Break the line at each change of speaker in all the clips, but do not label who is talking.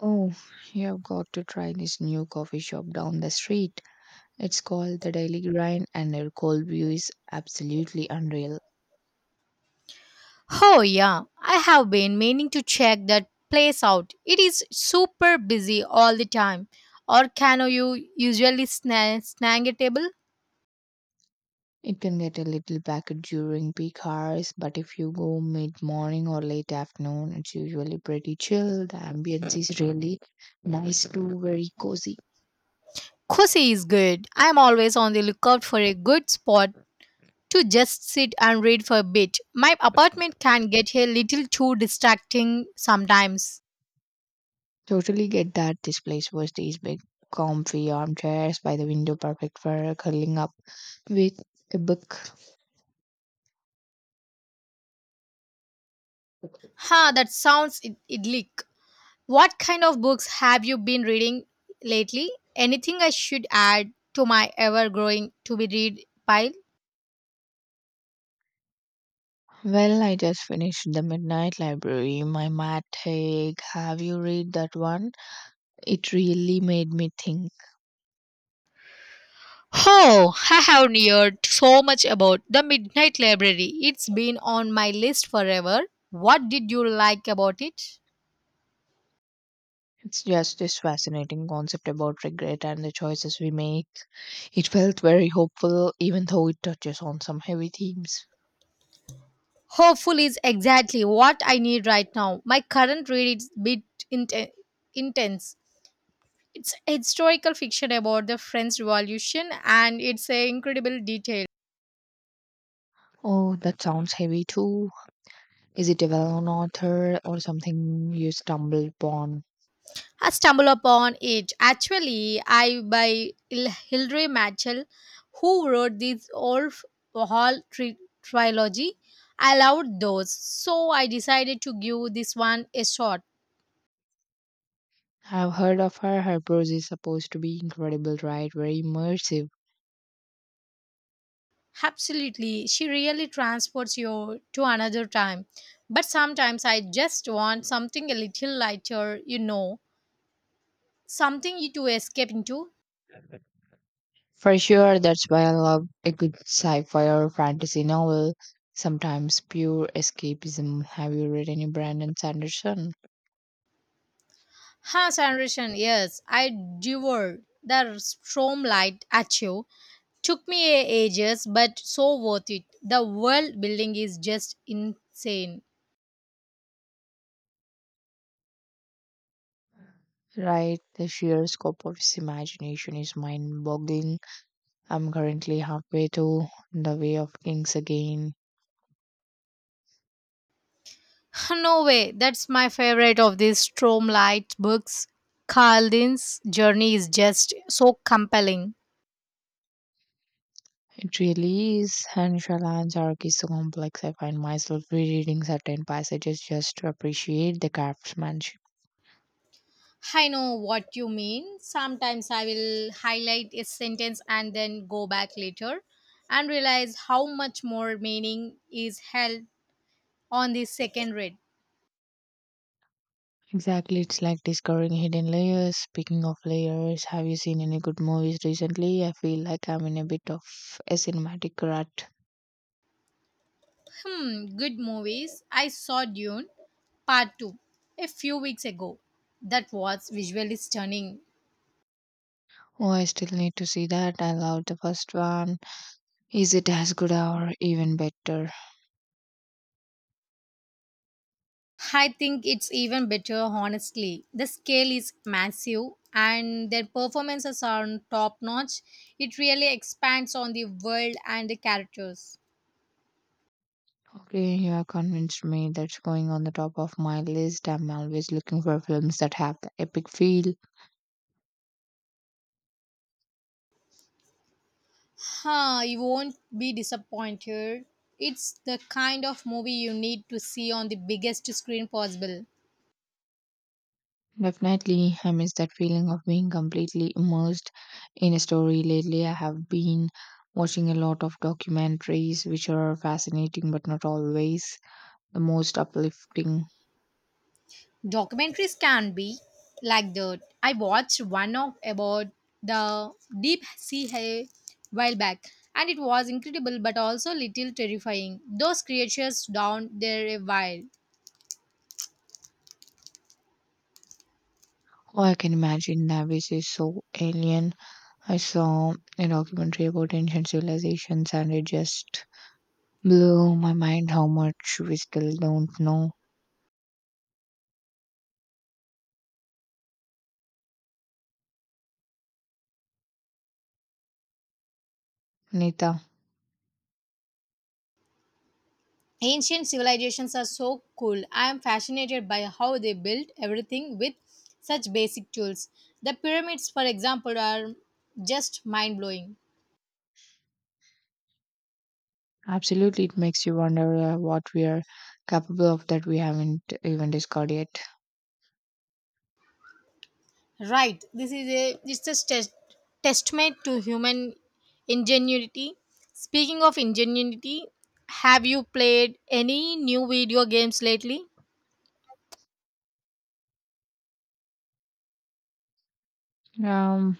Oh, you've got to try this new coffee shop down the street. It's called the Daily Grind, and their cold brew is absolutely unreal.
Oh, yeah, I have been meaning to check that place out. It is super busy all the time. Or can you usually snag a table?
It can get a little packed during peak hours, but if you go mid morning or late afternoon, it's usually pretty chill. The ambience is really nice too, very cozy.
Cozy is good. I'm always on the lookout for a good spot to just sit and read for a bit. My apartment can get a little too distracting sometimes.
Totally get that this place was these big, comfy armchairs by the window, perfect for curling up with a book.
Ha, that sounds idyllic. What kind of books have you been reading lately? Anything I should add to my ever growing to be read pile?
Well, I just finished The Midnight Library My Matt Haig. Have you read that one? It really made me think.
Oh, I have heard so much about the Midnight Library. It's been on my list forever. What did you like about it?
It's just this fascinating concept about regret and the choices we make. It felt very hopeful, even though it touches on some heavy themes.
Hopeful is exactly what I need right now. My current read is a bit int intense. It's historical fiction about the French Revolution and it's a incredible detail.
Oh, that sounds heavy too. Is it a well known author or something you stumbled upon?
I stumbled upon it actually I by Hilary Mantel, who wrote this old hall trilogy. I loved those, so I decided to give this one a shot.
I've heard of her. Her prose is supposed to be incredible, right? Very immersive.
Absolutely, she really transports you to another time. But sometimes I just want something a little lighter, you know, something you to escape into.
For sure, that's why I love a good sci fi or fantasy novel. Sometimes pure escapism. Have you read any Brandon Sanderson?
Her generation, yes, I devoured the stormlight at you took me ages, but so worth it. The world building is just insane.
Right, the sheer scope of his imagination is mind boggling. I'm currently halfway to The Way of Kings again.
No way, that's my favorite of these Stromlight books. Carlin's journey is just so compelling.
It really is, and Shallan's arc is so complex. I find myself rereading certain passages just to appreciate the craftsmanship.
I know what you mean. Sometimes I will highlight a sentence and then go back later and realize how much more meaning is held on the second read.
Exactly, it's like discovering hidden layers. Speaking of layers, have you seen any good movies recently? I feel like I'm in a bit of a cinematic rut.
Hmm, good movies. I saw Dune Part 2 a few weeks ago. That was visually stunning.
Oh, I still need to see that. I loved the first one. Is it as good or even better?
I think it's even better, honestly. The scale is massive and their performances are top notch. It really expands on the world and the characters.
Okay, you have convinced me, that's going on the top of my list. I'm always looking for films that have the epic feel.
Huh, you won't be disappointed. It's the kind of movie you need to see on the biggest screen possible.
Definitely, I miss that feeling of being completely immersed in a story. Lately, I have been watching a lot of documentaries, which are fascinating but not always the most uplifting.
Documentaries can be like that. I watched one of about the deep sea a while back, and it was incredible but also little terrifying. Those creatures down there a while.
Oh, I can imagine Navis is so alien. I saw a documentary about ancient civilizations and it just blew my mind how much we still don't know. Nita,
Ancient civilizations are so cool. I am fascinated by how they built everything with such basic tools. The pyramids, for example, are just mind blowing.
absolutely, it makes you wonder what we are capable of that we haven't even discovered yet.
Right. This is a it's a test, Testament to human ingenuity. Speaking of ingenuity, have you played any new video games lately?
Um,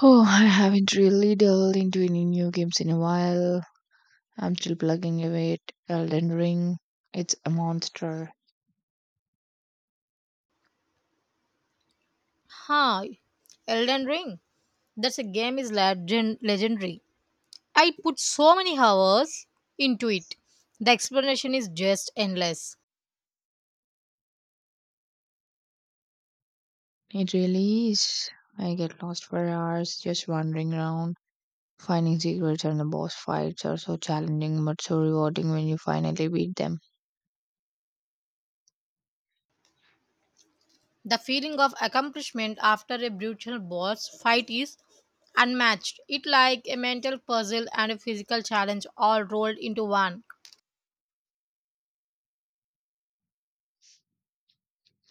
Oh, I haven't really delved into any new games in a while. I'm still plugging away at Elden Ring. It's a monster.
Huh. Elden Ring. That's a game is legendary. I put so many hours into it. The explanation is just endless.
It really is. I get lost for hours just wandering around. Finding secrets, and the boss fights are so challenging but so rewarding when you finally beat them.
The feeling of accomplishment after a brutal boss fight is unmatched. It like a mental puzzle and a physical challenge all rolled into one.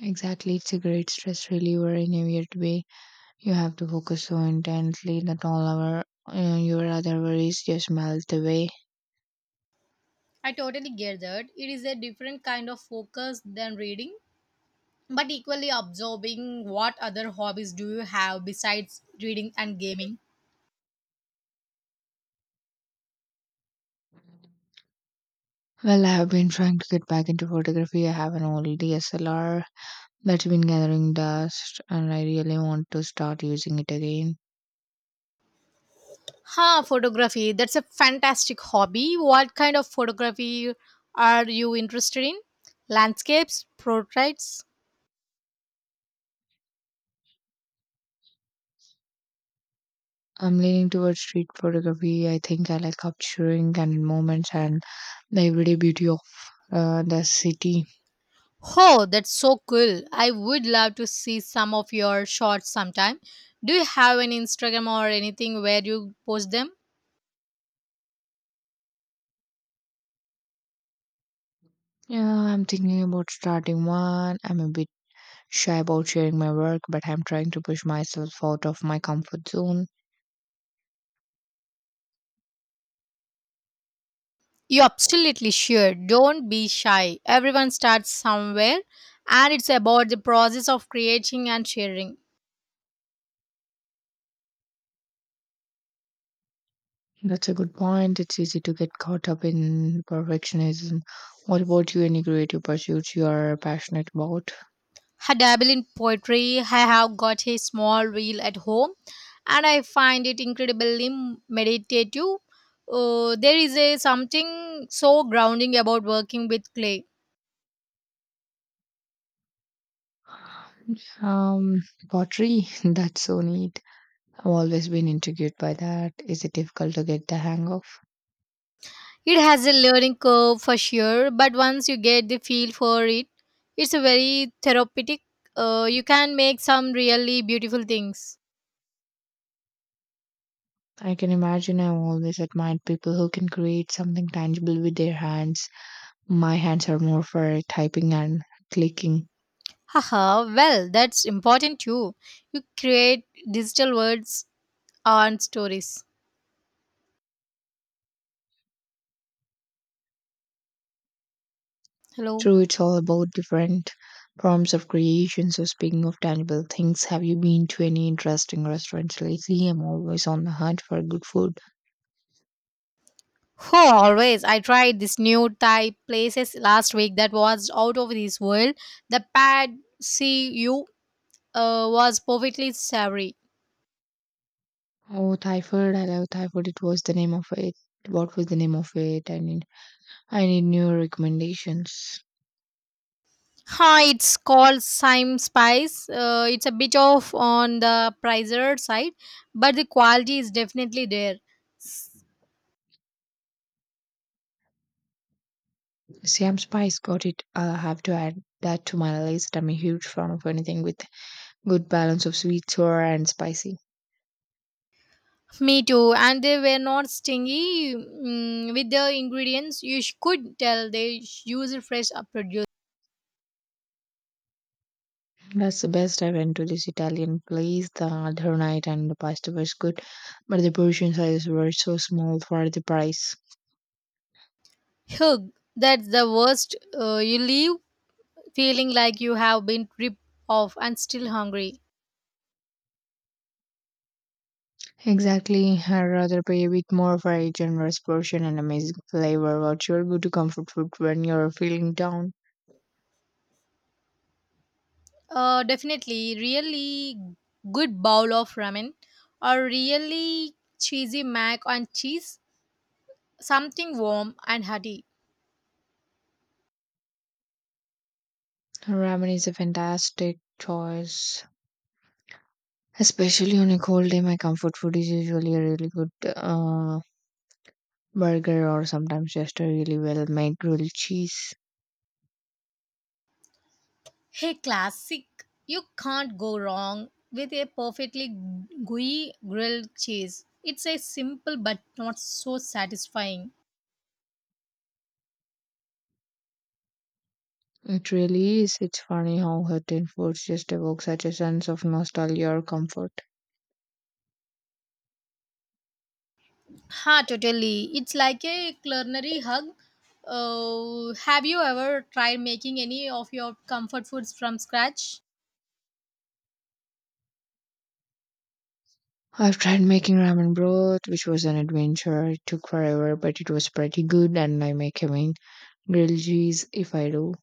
Exactly, it's a great stress reliever in a weird way. You have to focus so intently that all our your other worries just melt away.
I totally get that. It is a different kind of focus than reading, but equally absorbing. What other hobbies do you have besides reading and gaming?
Well, I have been trying to get back into photography. I have an old DSLR that's been gathering dust, and I really want to start using it again.
Huh, photography. That's a fantastic hobby. What kind of photography are you interested in? Landscapes, portraits,
I'm leaning towards street photography. I think I like capturing candid moments and the everyday beauty of the city.
oh, that's so cool. I would love to see some of your shots sometime. Do you have an Instagram or anything where you post them?
Yeah, I'm thinking about starting one. I'm a bit shy about sharing my work, but I'm trying to push myself out of my comfort zone.
You absolutely sure. Don't be shy. Everyone starts somewhere and it's about the process of creating and sharing.
That's a good point. It's easy to get caught up in perfectionism. What about you? Any creative pursuits you are passionate about?
I dabble in poetry. I have got a small reel at home and I find it incredibly meditative. There is a something so grounding about working with clay.
Um, pottery. That's so neat. I've always been intrigued by that. Is it difficult to get the hang of?
It has a learning curve for sure, but once you get the feel for it, it's a very therapeutic. You can make some really beautiful things.
I can imagine, I've always admired people who can create something tangible with their hands. My hands are more for typing and clicking.
Haha, well, that's important too. You create digital words and stories. Hello.
True, it's all about different forms of creation. So, speaking of tangible things, have you been to any interesting restaurants lately? I'm always on the hunt for good food.
Oh, always. I tried this new Thai places last week that was out of this world. The pad see you was perfectly savory.
Oh, Thai food! I love Thai food. It was the name of it. What was the name of it? I need new recommendations.
Hi, it's called Sime Spice. It's a bit off on the pricier side, but the quality is definitely there.
Siam Spice, got it. I'll have to add that to my list. I'm a huge fan of anything with good balance of sweet, sour, and spicy.
Me too. And they were not stingy with the ingredients. You could tell they use fresh produce.
That's the best. I went to this Italian place the other night and the pasta was good, but the portion sizes were so small for the price.
Hugh, that's the worst. You leave feeling like you have been ripped off and still hungry.
Exactly. I'd rather pay a bit more for a generous portion and amazing flavor. What's your go to comfort food when you're feeling down?
Definitely, really good bowl of ramen or really cheesy mac and cheese something warm and hearty.
Ramen is a fantastic choice. Especially on a cold day, my comfort food is usually a really good uh, burger, or sometimes just a really well made grilled cheese.
Hey, classic! You can't go wrong with a perfectly gooey grilled cheese. It's a simple but not so satisfying.
It really is. It's funny how certain foods just evoke such a sense of nostalgia or comfort.
Ha, totally. It's like a culinary hug. Have you ever tried making any of your comfort foods from scratch?
I've tried making ramen broth, which was an adventure. It took forever, but it was pretty good, and I make having grilled cheese, if I do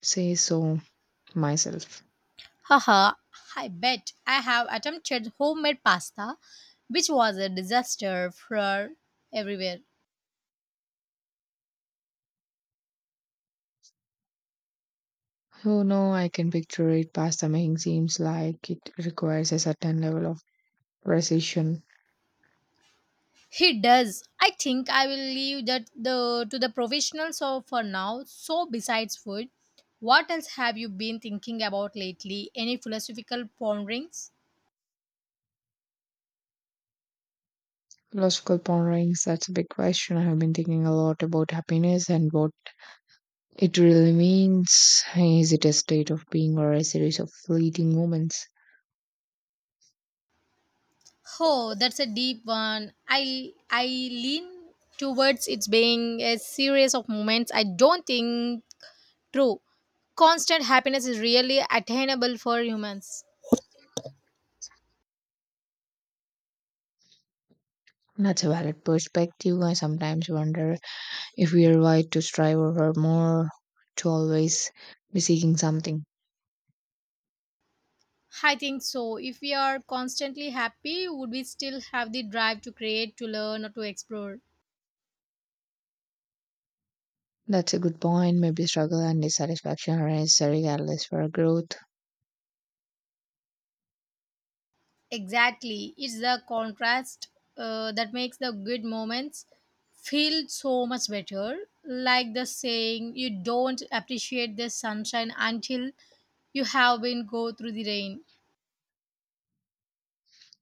say so myself.
Haha, I bet I have attempted homemade pasta, which was a disaster for everywhere.
Oh no, I can picture it. Pasta making seems like it requires a certain level of precision.
He does. I think I will leave that the to the professionals so for now. So besides food, what else have you been thinking about lately? Any philosophical ponderings?
Philosophical ponderings, that's a big question. I have been thinking a lot about happiness and what it really means. Is it a state of being or a series of fleeting moments?
Oh, that's a deep one. I lean towards it's being a series of moments. I don't think true. Constant happiness is really attainable for humans.
That's a valid perspective. I sometimes wonder if we are wired to strive over more, to always be seeking something.
I think so. If we are constantly happy, would we still have the drive to create, to learn, or to explore?
That's a good point. Maybe struggle and dissatisfaction are necessary catalysts for growth.
Exactly. It's the contrast that makes the good moments feel so much better. Like the saying, you don't appreciate the sunshine until you have been go through the rain.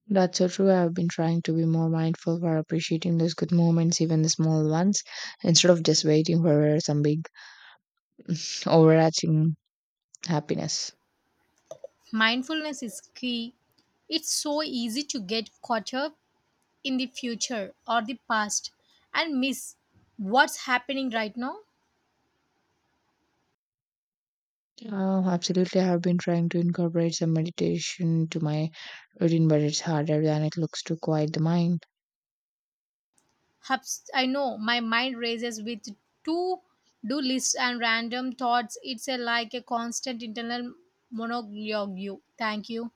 That's so true. I've been trying to be more mindful for appreciating those good moments, even the small ones, instead of just waiting for some big overarching happiness.
Mindfulness is key. It's so easy to get caught up in the future or the past and miss what's happening right now.
Oh, absolutely. I have been trying to incorporate some meditation to my routine, but it's harder than it looks to quiet the mind.
Hubs, I know my mind races with to do lists and random thoughts. It's a, like a constant internal monologue. Thank you.